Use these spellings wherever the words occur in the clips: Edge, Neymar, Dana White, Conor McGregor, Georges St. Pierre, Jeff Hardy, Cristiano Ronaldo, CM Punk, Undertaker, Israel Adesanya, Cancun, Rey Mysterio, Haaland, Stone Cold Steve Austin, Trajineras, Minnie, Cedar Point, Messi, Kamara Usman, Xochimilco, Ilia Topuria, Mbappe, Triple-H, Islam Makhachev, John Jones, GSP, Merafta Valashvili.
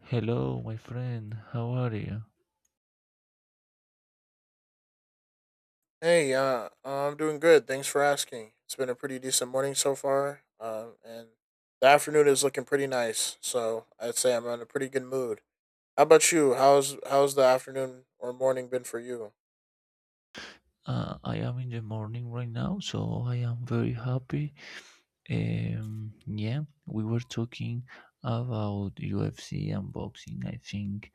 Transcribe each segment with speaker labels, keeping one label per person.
Speaker 1: Hello, my friend. How are you?
Speaker 2: Hey, I'm doing good. Thanks for asking. It's been a pretty decent morning so far, and the afternoon is looking pretty nice. So I'd say I'm in a pretty good mood. How about you? How's the afternoon or morning been for you?
Speaker 1: I am in the morning right now, so I am very happy. Yeah, we were talking about UFC and boxing. I think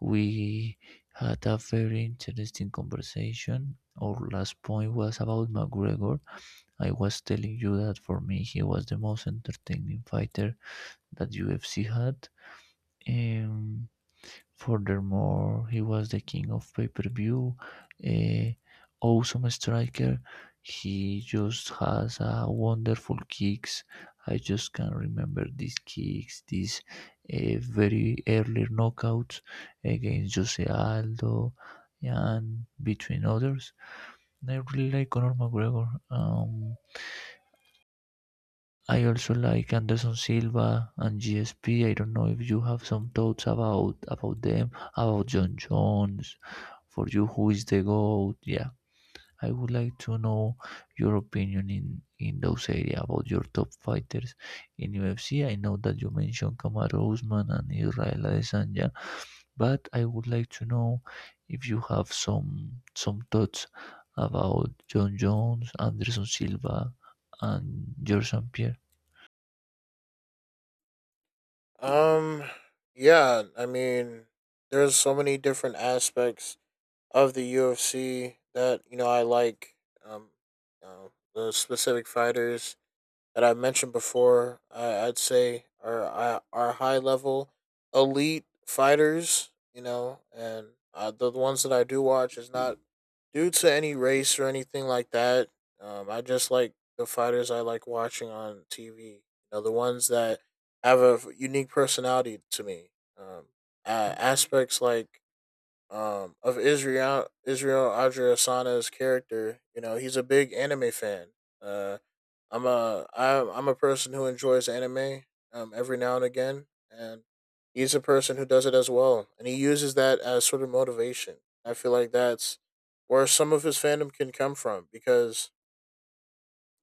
Speaker 1: we had a very interesting conversation. Our last point was about McGregor. I was telling you that for me, he was the most entertaining fighter that UFC had. Um, Furthermore, he was the king of pay-per-view, a awesome striker. He just has a wonderful kicks. I just can remember these kicks, these very early knockouts against Jose Aldo and between others. I really like Conor McGregor. I also like Anderson Silva and GSP. I don't know if you have some thoughts about them, about John Jones. For you, who is the goat? Yeah, I would like to know your opinion in those area about your top fighters in UFC. I know that you mentioned Kamaru Usman and Israel Adesanya, but I would like to know if you have some thoughts about John Jones, Anderson Silva, and St. Pierre.
Speaker 2: Um, yeah, I mean, there's so many different aspects of the UFC that you know I like. Um, you know, the specific fighters that I mentioned before, I'd say are high level elite fighters. You know, and the ones that I do watch is not due to any race or anything like that. I just like the fighters I like watching on TV. You know, the ones that have a unique personality to me. Um, Aspects like of Israel Adriasana's character. You know, he's a big anime fan. Uh, I'm a person who enjoys anime every now and again, and he's a person who does it as well, and he uses that as sort of motivation. I feel like that's where some of his fandom can come from because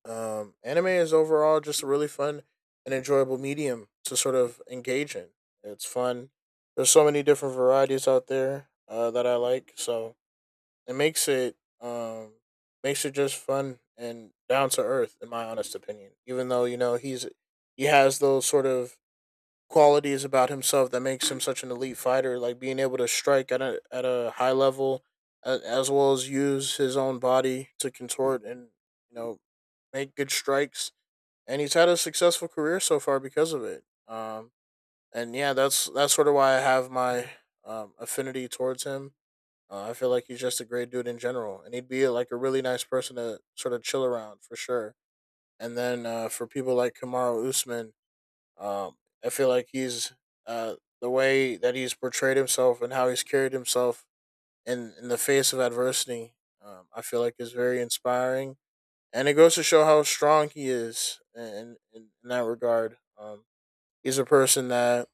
Speaker 2: anime is overall just a really fun and enjoyable medium to sort of engage in. It's fun. There's so many different varieties out there that I like, so it makes it um makes it just fun and down to earth in my honest opinion, even though you know he has those sort of qualities about himself that makes him such an elite fighter, like being able to strike at a high level as well as use his own body to contort and you know make good strikes, and he's had a successful career so far because of it. And Yeah, that's sort of why I have my affinity towards him. I feel like he's just a great dude in general, and he'd be like a really nice person to sort of chill around for sure. And then for people like Kamara Usman, um, I feel like he's uh, the way that he's portrayed himself and how he's carried himself in the face of adversity. I feel like is very inspiring, and it goes to show how strong he is in that regard. He's a person that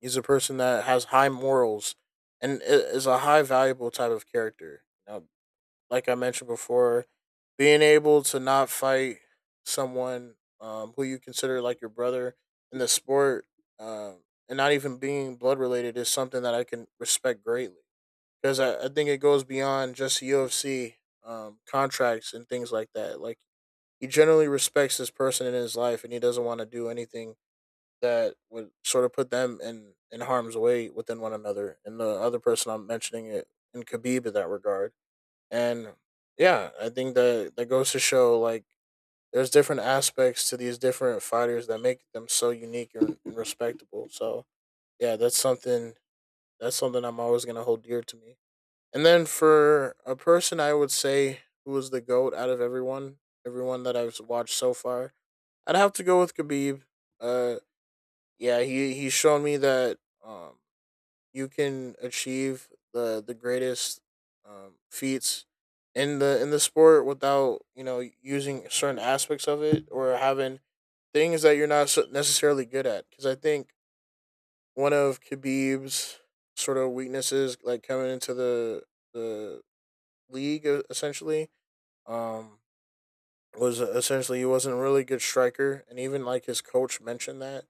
Speaker 2: he's a person that has high morals and is a high valuable type of character. You, like I mentioned before, being able to not fight someone who you consider like your brother in the sport, and not even being blood related is something that I can respect greatly, because I think it goes beyond just UFC contracts and things like that. Like he generally respects this person in his life, and he doesn't want to do anything that would sort of put them in harm's way within one another. And the other person I'm mentioning it in Khabib in that regard. And yeah, I think that that goes to show like there's different aspects to these different fighters that make them so unique and respectable. So yeah, that's something I'm always gonna hold dear to me. And then for a person, I would say who was the goat out of everyone, everyone that I've watched so far, I'd have to go with Khabib. Uh, yeah, he's shown me that um you can achieve the greatest feats in the sport without you know using certain aspects of it, or having things that you're not so- necessarily good at. Because I think one of Khabib's sort of weaknesses, like coming into the league essentially, um, was essentially he wasn't a really good striker, and even like his coach mentioned that.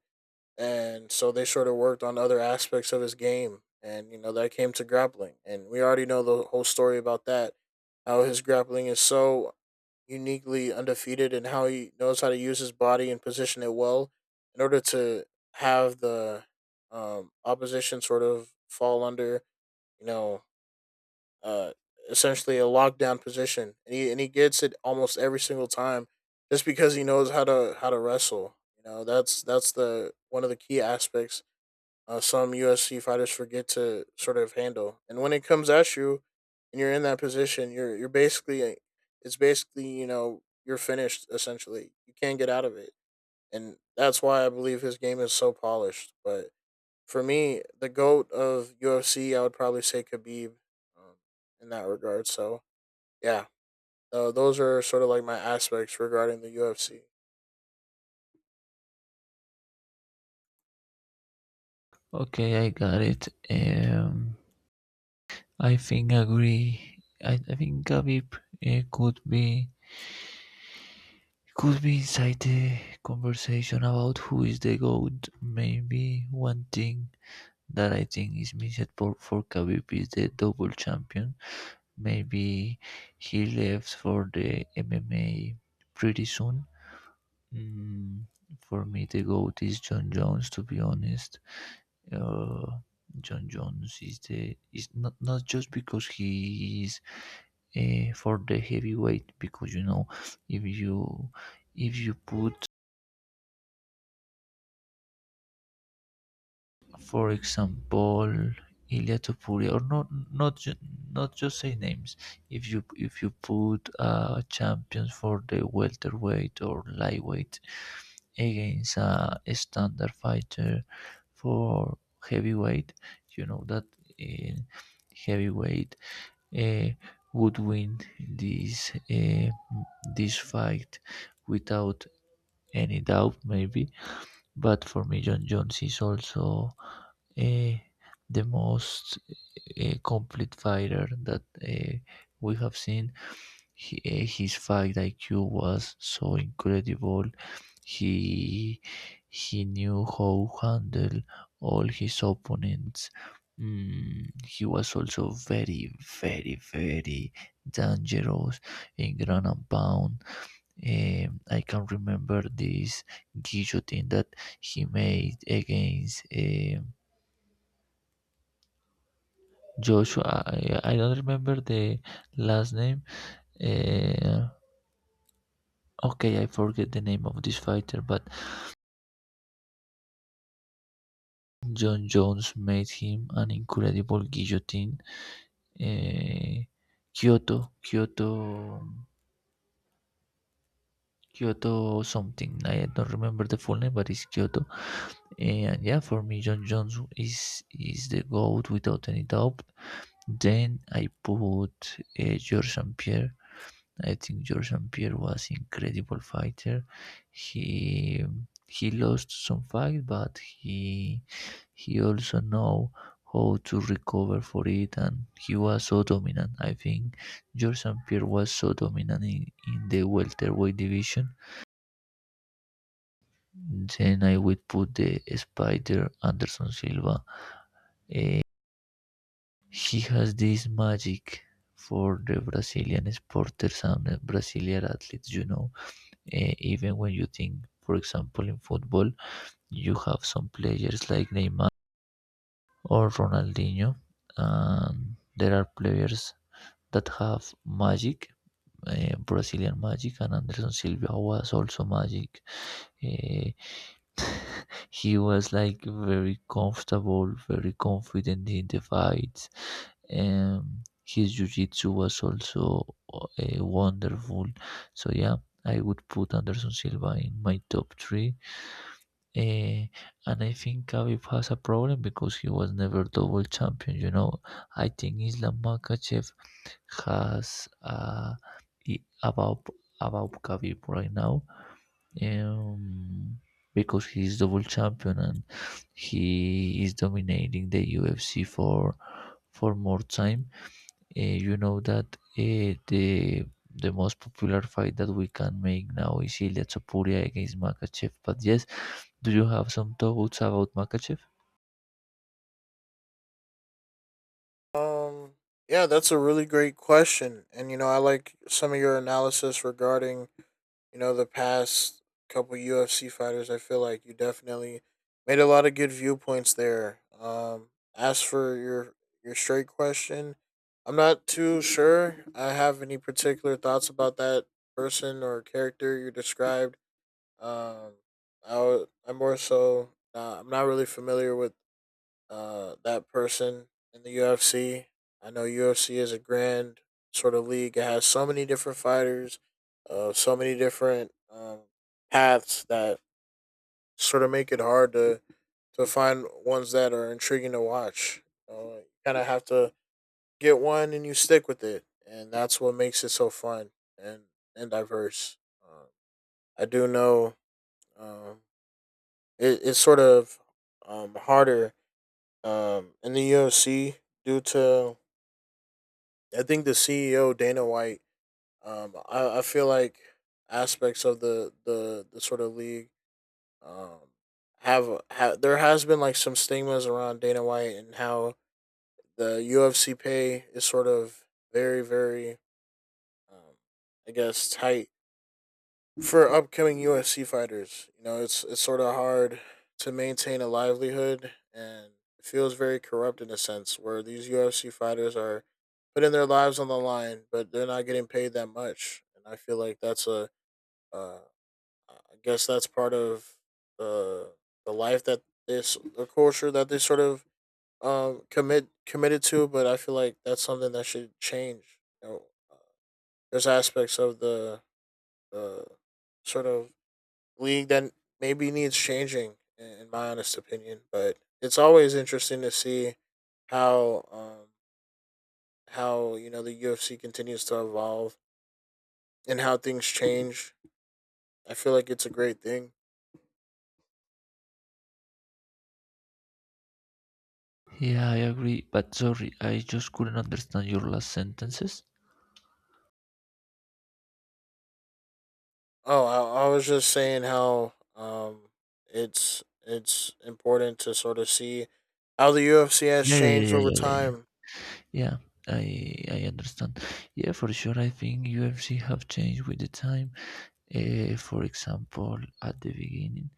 Speaker 2: And so they sort of worked on other aspects of his game, and you know that came to grappling, and we already know the whole story about that, how his grappling is so uniquely undefeated and how he knows how to use his body and position it well in order to have the opposition sort of fall under you know uh, essentially a lockdown position, and he gets it almost every single time just because he knows how to wrestle. You know, that's the one of the key aspects some USC fighters forget to sort of handle. And when it comes at you, and you're in that position, you're basically it's basically you know you're finished essentially. You can't get out of it, and that's why I believe his game is so polished. But for me, the goat of UFC, I would probably say Khabib, um, in that regard. So yeah, those are sort of like my aspects regarding the UFC.
Speaker 1: Okay, I got it. I think agree. I think Khabib uh, could be could be inside the conversation about who is the GOAT. Maybe one thing that I think is missed for Khabib is the double champion. Maybe he left for the MMA pretty soon. Mm, for me, the GOAT is John Jones, to be honest. Uh, John Jones is not just because he is for the heavyweight, because you know if you put, for example, Ilia Topuria, or not, not just say names. If you put champions for the welterweight or lightweight against a standard fighter for heavyweight, you know that uh, heavyweight uh, would win this fight without any doubt, maybe. But for me, John Jones is also eh, the most complete fighter that we have seen. His fight IQ was so incredible. He he knew how to handle all his opponents. He was also very, very, very dangerous in ground and pound. I can remember this guillotine that he made against Joshua. I don't remember the last name. Uh, okay, I forget the name of this fighter, but John Jones made him an incredible guillotine. Uh, Kyoto, Kyoto, Kyoto something. I don't remember the full name, but it's Kyoto. And yeah, for me, John Jones is the goat without any doubt. Then I put George St. Pierre. I think Georges Saint Pierre was incredible fighter. He he lost some fight, but he also know how to recover for it, and he was so dominant. I think Georges Saint Pierre was so dominant in the welterweight division. Then I would put the Spider Anderson Silva. He has this magic for the Brazilian sporters and the Brazilian athletes. Even when you think, for example, in football, you have some players like Neymar or Ronaldinho, and there are players that have magic. Brazilian magic, and Anderson Silva was also magic. Eh, he was like very comfortable, very confident in the fights. His jiu-jitsu was also wonderful. So yeah, I would put Anderson Silva in my top three. Eh, and I think Khabib has a problem because he was never double champion. You know, I think Islam Makhachev has i- about about Khabib right now, um, because he's double champion and he is dominating the UFC for more time. You know that the most popular fight that we can make now is Ilya Topuria against Makachev. But yes, do you have some doubts about Makachev?
Speaker 2: Um, yeah, that's a really great question, and you know I like some of your analysis regarding you know, the past couple UFC fighters. I feel like you definitely made a lot of good viewpoints there. As for your straight question, I'm not too sure I have any particular thoughts about that person or character you described. Um, I'm more so I'm not really familiar with that person in the UFC. I know UFC is a grand sort of league. It has so many different fighters, so many different paths that sort of make it hard to find ones that are intriguing to watch. You kind of have to get one and you stick with it, and that's what makes it so fun and and diverse. I do know um, it's sort of harder in the UFC due to I think the CEO Dana White. I feel like aspects of the sort of league um have there has been like some stigmas around Dana White and how the UFC pay is sort of very um, I guess tight for upcoming UFC fighters. You know, it's sort of hard to maintain a livelihood, and it feels very corrupt in a sense where these UFC fighters are putting their lives on the line, but they're not getting paid that much, and I feel like that's uh, I guess that's part of the the life that this the culture that they sort of committed to, but I feel like that's something that should change. You know, uh, there's aspects of the sort of league that maybe needs changing, in my honest opinion. But it's always interesting to see how um, how you know the UFC continues to evolve and how things change. I feel like it's a great thing.
Speaker 1: Yeah, I agree. But sorry, I just couldn't understand your last sentences.
Speaker 2: Oh, I was just saying how it's important to sort of see how the UFC has
Speaker 1: Yeah, yeah,
Speaker 2: changed
Speaker 1: yeah,
Speaker 2: over
Speaker 1: yeah, yeah, yeah. Yeah,
Speaker 2: time.
Speaker 1: yeah, I I understand. Yeah, for sure. I think UFC have changed with the time. For example,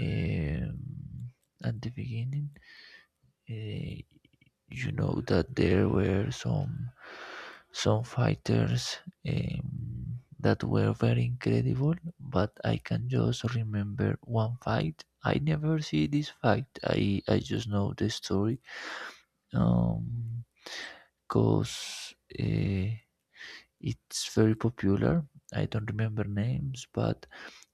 Speaker 1: um, at the beginning, uh, you know that there were some fighters that were very incredible, but I can just remember one fight. I never see this fight. I just know the story. Um, Cause it's very popular. I don't remember names, but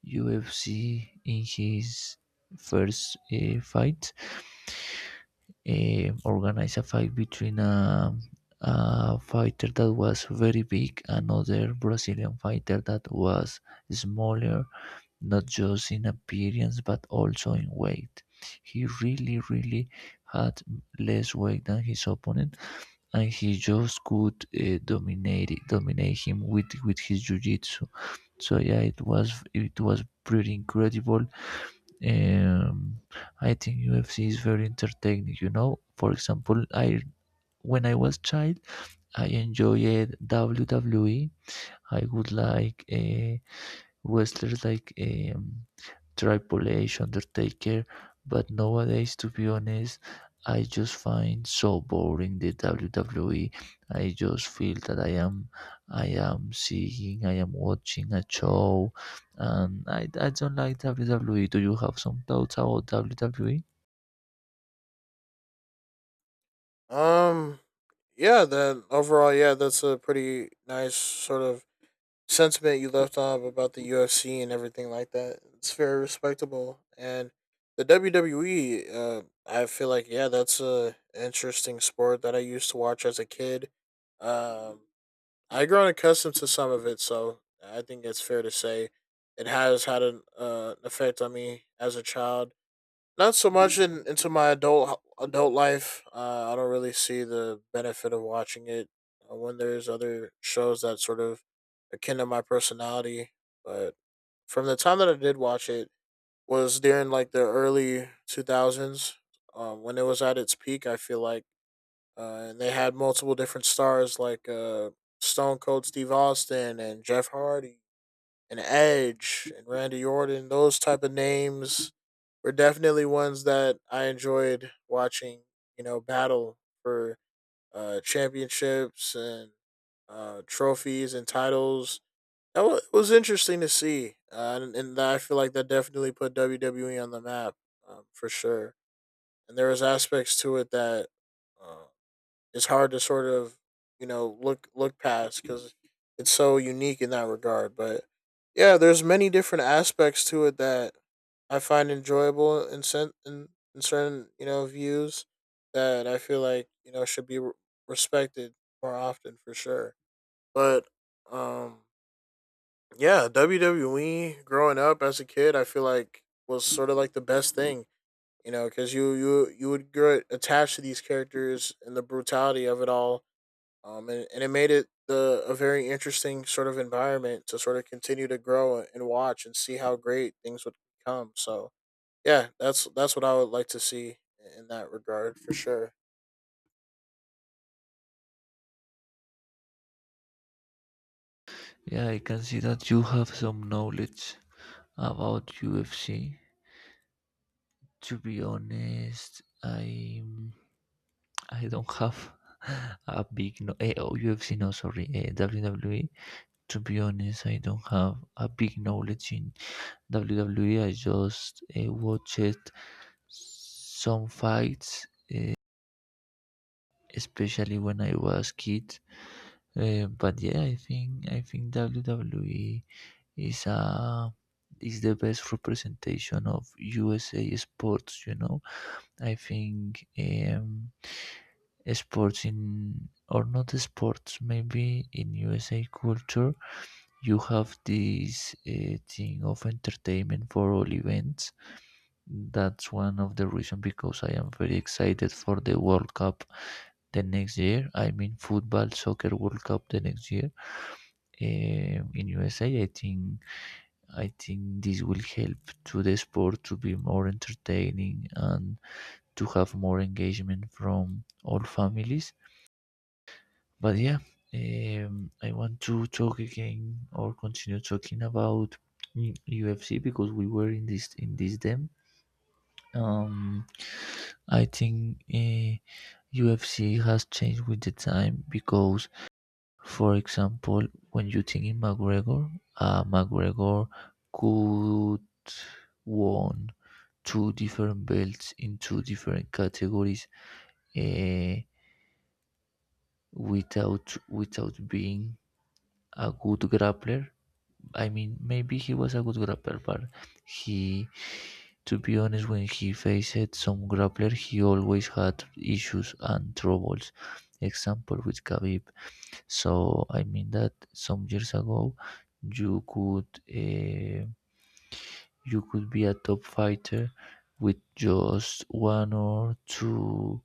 Speaker 1: UFC in his first fight, organized a fight between a fighter that was very big, another Brazilian fighter that was smaller, not just in appearance but also in weight. He really, really had less weight than his opponent, and he just could dominate him with his jiu-jitsu. So yeah, it was pretty incredible. um, I think UFC is very entertaining. You know, for example, I when I was child, I enjoyed WWE. I would like wrestlers like Triple-H, Undertaker, but nowadays, to be honest, I just find so boring the WWE. I just feel that I am watching a show, and I don't like WWE. Do you have some thoughts about WWE?
Speaker 2: Um, yeah, that's a pretty nice sort of sentiment you left off about the UFC and everything like that. It's very respectable, and the WWE. I feel like yeah, that's a interesting sport that I used to watch as a kid. Um, I grown accustomed to some of it, so I think it's fair to say it has had an effect on me as a child. Not so much in, into my adult life. I don't really see the benefit of watching it when there's other shows that sort of akin to my personality. But from the time that I did watch it was during like the early two thousands, when it was at its peak, I feel like. And they had multiple different stars like Stone Cold Steve Austin and Jeff Hardy and Edge and Randy Orton. Those type of names were definitely ones that I enjoyed watching, you know, battle for championships and trophies and titles. Was interesting to see, and I feel like that definitely put WWE on the map, for sure. And there was aspects to it that um, it's hard to sort of you know look past because it's so unique in that regard. But yeah, there's many different aspects to it that I find enjoyable in certain you know views that I feel like you know should be respected more often for sure. But um, yeah, WWE growing up as a kid, I feel like was sort of like the best thing, you know, because you would get attached to these characters and the brutality of it all. And it made it the a very interesting sort of environment to sort of continue to grow and watch and see how great things would become. So yeah, that's what I would like to see in that regard for sure.
Speaker 1: Yeah, I can see that you have some knowledge about UFC. To be honest, I don't have a big no oh, UFC no sorry WWE. To be honest, I don't have a big knowledge in WWE. I just watched some fights, uh, especially when I was kid. But yeah, I think WWE is a is the best representation of USA sports. You know, I think sports in, or not sports, maybe in USA culture, you have this thing of entertainment for all events. That's one of the reasons because I am very excited for the World Cup the next year. I mean, football, soccer World Cup the next year, in USA. I think this will help to the sport to be more entertaining and to have more engagement from all families. But yeah, I want to talk again or continue talking about UFC because we were in this them. Um, I think UFC has changed with the time because, for example, when you think in McGregor could won two different belts in two different categories uh, without being a good grappler. I mean, maybe he was a good grappler, but he, to be honest, when he faced some grappler, he always had issues and troubles. Example with Khabib. So I mean that some years ago, you could uh, be a top fighter with just one or two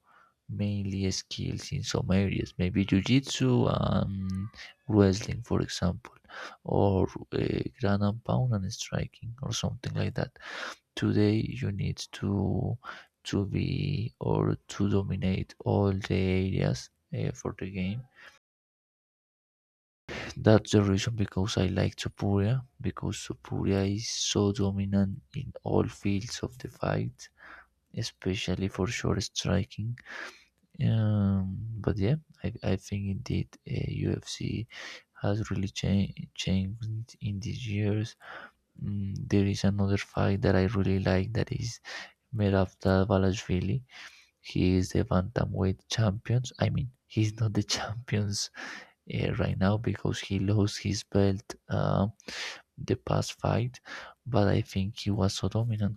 Speaker 1: mainly skills in some areas, maybe jiu-jitsu and wrestling, for example, or ground and pound and striking or something like that. Today, you need to be, or to dominate all the areas for the game. That's the reason because I like Topuria, because Topuria is so dominant in all fields of the fight, especially for short striking. But yeah, I think indeed UFC has really changed in these years. There is another fight that I really like, that is Merafta Valashvili. He is the bantamweight champions. I mean, he's not the champions right now because he lost his belt. The past fight, but I think he was so dominant.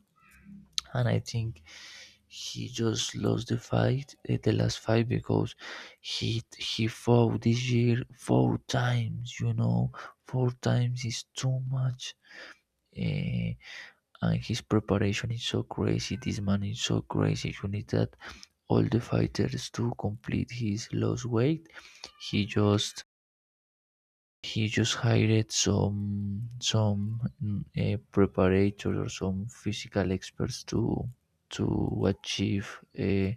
Speaker 1: And I think he just lost the fight, the last fight, because he fought this year four times. You know, four times is too much. Eh, and his preparation is so crazy. This man is so crazy. You need that all the fighters to complete his lost weight. He just He just hired some preparators or some physical experts to to achieve uh,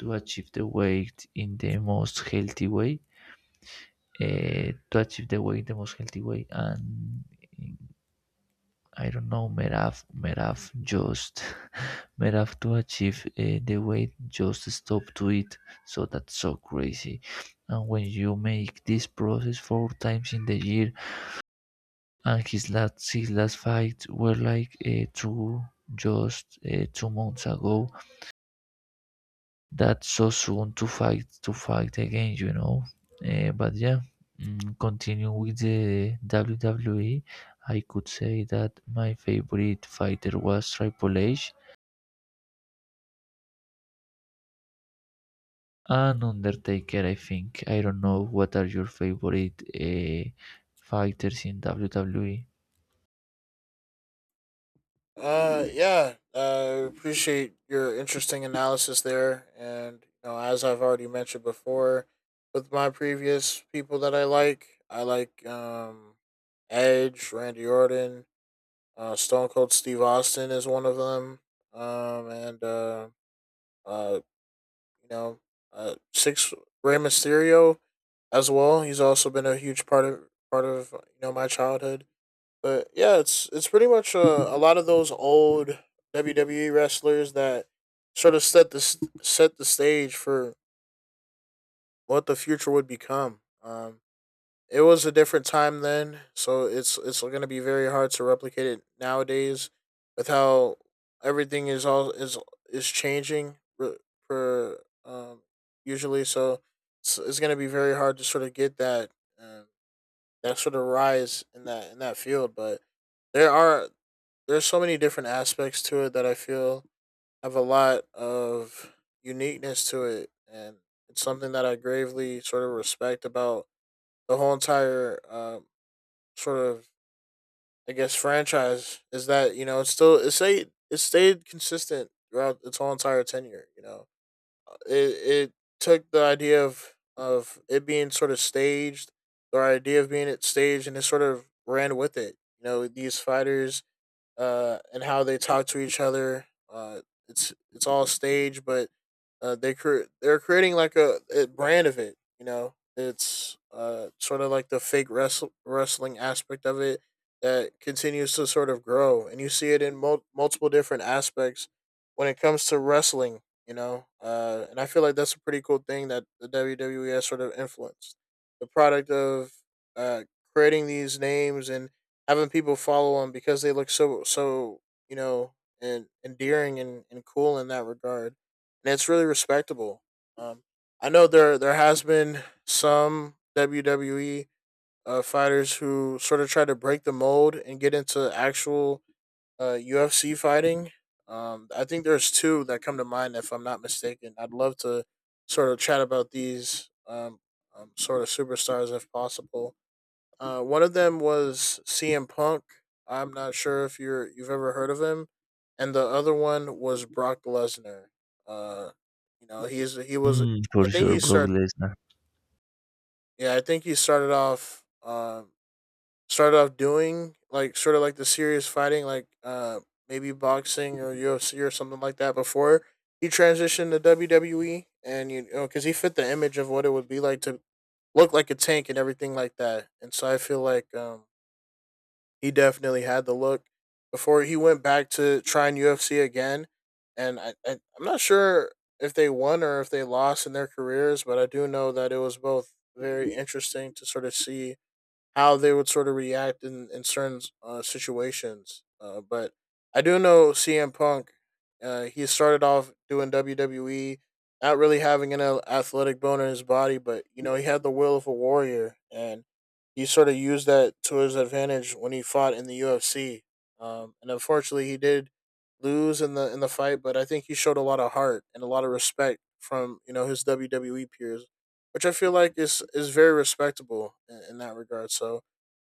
Speaker 1: achieve the weight in the most healthy way, to achieve the weight the most healthy way. And I don't know, Merav just Merav, to achieve the weight, just stop to eat. So that's so crazy, and when you make this process four times in the year, and his last fight were like 2 months ago. That's so soon to fight again, you know. But yeah, continue with the WWE. I could say that my favorite fighter was Triple H and Undertaker. I think I don't know what are your favorite fighters in WWE.
Speaker 2: Yeah, appreciate your interesting analysis there, and you know, as I've already mentioned before, with my previous people that I like, I like Edge, Randy Orton, Stone Cold Steve Austin is one of them. And Uh, you know, six Rey Mysterio as well. He's also been a huge part of part of you know my childhood. But yeah, it's pretty much a lot of those old WWE wrestlers that sort of set the set the stage for what the future would become. It was a different time then, so it's going to be very hard to replicate it nowadays with how everything is all is changing re- per usually so it's going to be very hard to sort of get that um, that sort of rise in that field, but there are there's so many different aspects to it that I feel have a lot of uniqueness to it, and it's something that I gravely sort of respect about the whole entire sort of, I guess, franchise, is that you know it's still it stayed consistent throughout its whole entire tenure. You know, Uh, it it took the idea of it being sort of staged, or idea of being it staged, and it sort of ran with it. You know, these fighters, and how they talk to each other. Uh, it's all stage, but they're creating like a brand of it. You know, it's sort of like the fake wrestling aspect of it that continues to sort of grow, and you see it in multiple different aspects when it comes to wrestling. You know, and I feel like that's a pretty cool thing that the WWE has sort of influenced the product of creating these names and having people follow him because they look so you know and endearing and cool in that regard, and it's really respectable. Um, I know there has been some WWE fighters who sort of try to break the mold and get into actual UFC fighting. I think there's two that come to mind if I'm not mistaken. I'd love to sort of chat about these sort of superstars if possible. One of them was CM Punk. I'm not sure if you've ever heard of him, and the other one was Brock Lesnar. Uh, you know he was.
Speaker 1: Hmm. For
Speaker 2: I think
Speaker 1: sure,
Speaker 2: he
Speaker 1: Brock
Speaker 2: start.
Speaker 1: Lesnar.
Speaker 2: Yeah, I think he started off. Started off doing like sort of like the serious fighting, like maybe boxing or UFC or something like that before he transitioned to WWE, and you know because he fit the image of what it would be like to look like a tank and everything like that. And so I feel like he definitely had the look before he went back to trying UFC again. And I'm not sure if they won or if they lost in their careers, but I do know that it was both very interesting to sort of see how they would sort of react in certain situations. But I do know CM Punk. He started off doing WWE, not really having an athletic bone in his body, but you know he had the will of a warrior, and he sort of used that to his advantage when he fought in the UFC. And unfortunately, he did lose in the fight, but I think he showed a lot of heart and a lot of respect from you know his WWE peers, which I feel like is very respectable in that regard. So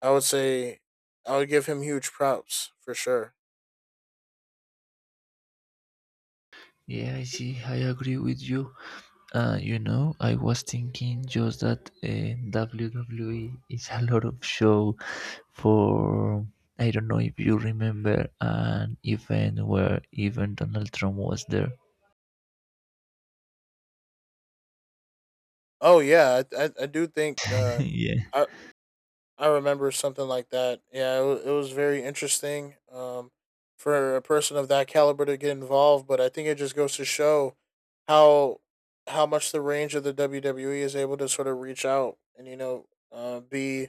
Speaker 2: I would say I would give him huge props for sure.
Speaker 1: Yeah, I see. I agree with you. You know, I was thinking just that WWE is a lot of show for. I don't know if you remember an event where even Donald Trump was there.
Speaker 2: Oh yeah, I do think
Speaker 1: Yeah.
Speaker 2: I I remember something like that. Yeah, it was very interesting, for a person of that caliber to get involved. But I think it just goes to show how much the range of the WWE is able to sort of reach out, and you know be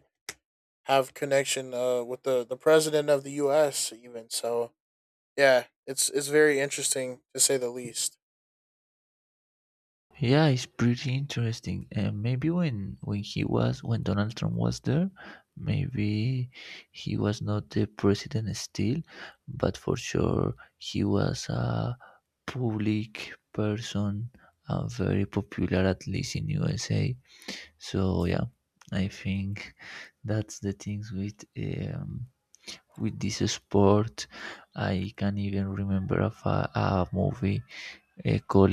Speaker 2: have connection with the president of the U.S. even, so yeah, it's very interesting to say the least.
Speaker 1: Yeah, it's pretty interesting. And maybe when Donald Trump was there, maybe he was not the president still, but for sure he was a public person and very popular at least in USA. So yeah, I think that's the things with with this sport. I can even remember of a movie called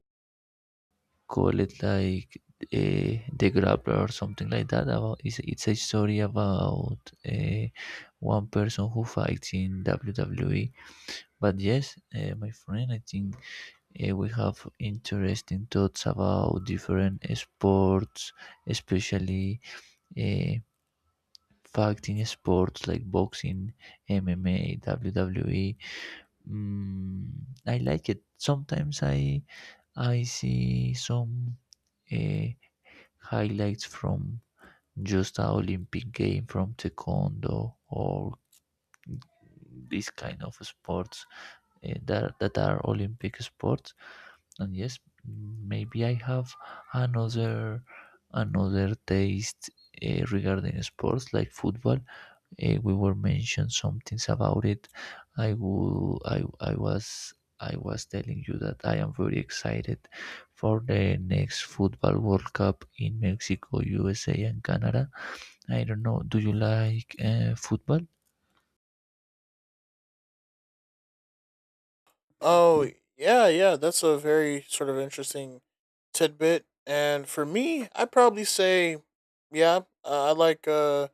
Speaker 1: call it like the grappler or something like that. About it's a story about uh, one person who fights in WWE. But yes, my friend, I think we have interesting thoughts about different sports, especially uh, fighting sports like boxing, MMA, WWE. mm, I like it. Sometimes I see some uh, highlights from just a Olympic game from taekwondo or these kind of sports, that are Olympic sports. And yes, maybe I have another another taste, regarding sports like football. We were mentioned some things about it. I will. I was. I was telling you that I am very excited for the next Football World Cup in Mexico, USA, and Canada. I don't know. Do you like football?
Speaker 2: Oh, yeah, yeah. That's a very sort of interesting tidbit. And for me, I probably say, yeah, I like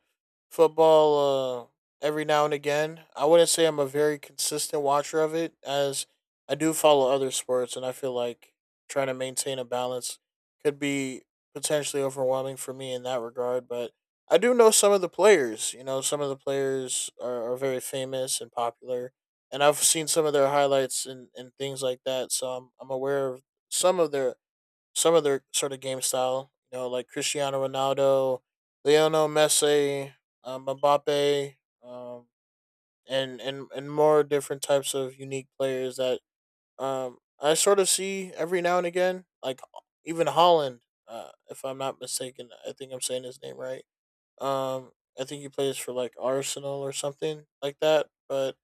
Speaker 2: football every now and again. I wouldn't say I'm a very consistent watcher of it, as I do follow other sports, and I feel like trying to maintain a balance could be potentially overwhelming for me in that regard. But I do know some of the players. You know, some of the players are very famous and popular, and I've seen some of their highlights and things like that. So I'm aware of some of their sort of game style. You know, like Cristiano Ronaldo, Lionel Messi, Mbappe, um, and more different types of unique players that I sort of see every now and again. Like even Holland, if I'm not mistaken, I think I'm saying his name right. Um, I think he plays for like Arsenal or something like that, but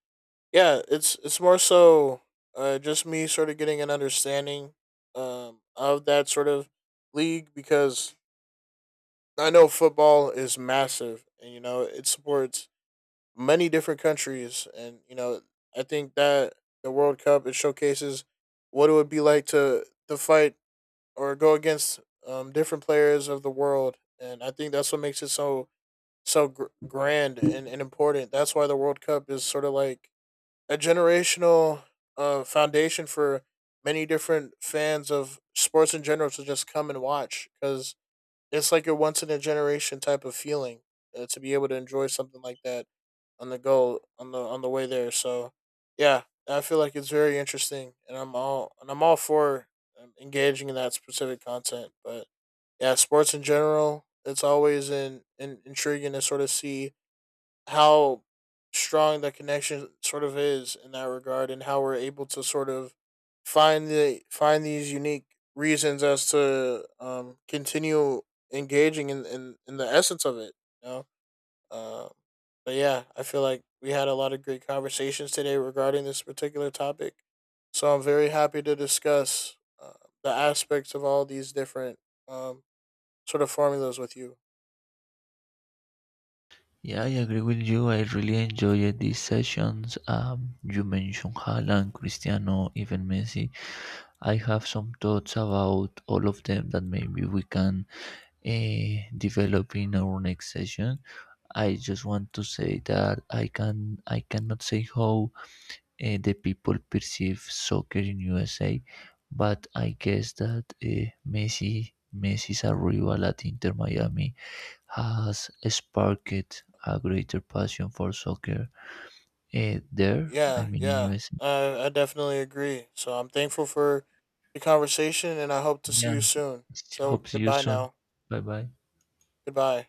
Speaker 2: yeah, it's more so just me sort of getting an understanding of that sort of league because I know football is massive, and you know it supports many different countries, and you know I think that the World Cup, it showcases what it would be like to fight or go against different players of the world, and I think that's what makes it so grand and important. That's why the World Cup is sort of like a generational foundation for many different fans of sports in general to just come and watch, because it's like a once in a generation type of feeling to be able to enjoy something like that on the go on the way there. So yeah, I feel like it's very interesting, and I'm all for engaging in that specific content. But yeah, sports in general, it's always in intriguing to sort of see how strong the connection sort of is in that regard, and how we're able to sort of find these unique reasons as to continue engaging in the essence of it, you know. um but yeah, I feel like we had a lot of great conversations today regarding this particular topic, so I'm very happy to discuss the aspects of all these different um sort of formulas with you.
Speaker 1: Yeah, I agree with you. I really enjoyed these sessions. You mentioned Haaland, Cristiano, even Messi. I have some thoughts about all of them that maybe we can develop in our next session. I just want to say that I cannot say how the people perceive soccer in USA, but I guess that Messi is a rival at Inter Miami, has sparked a greater passion for soccer, there. I
Speaker 2: Yeah,
Speaker 1: mean, in
Speaker 2: yeah.
Speaker 1: USA.
Speaker 2: I definitely agree. So I'm thankful for the conversation, and I hope to see
Speaker 1: Yeah,
Speaker 2: you soon. So
Speaker 1: hope see you
Speaker 2: goodbye
Speaker 1: soon.
Speaker 2: now.
Speaker 1: Bye bye.
Speaker 2: Goodbye.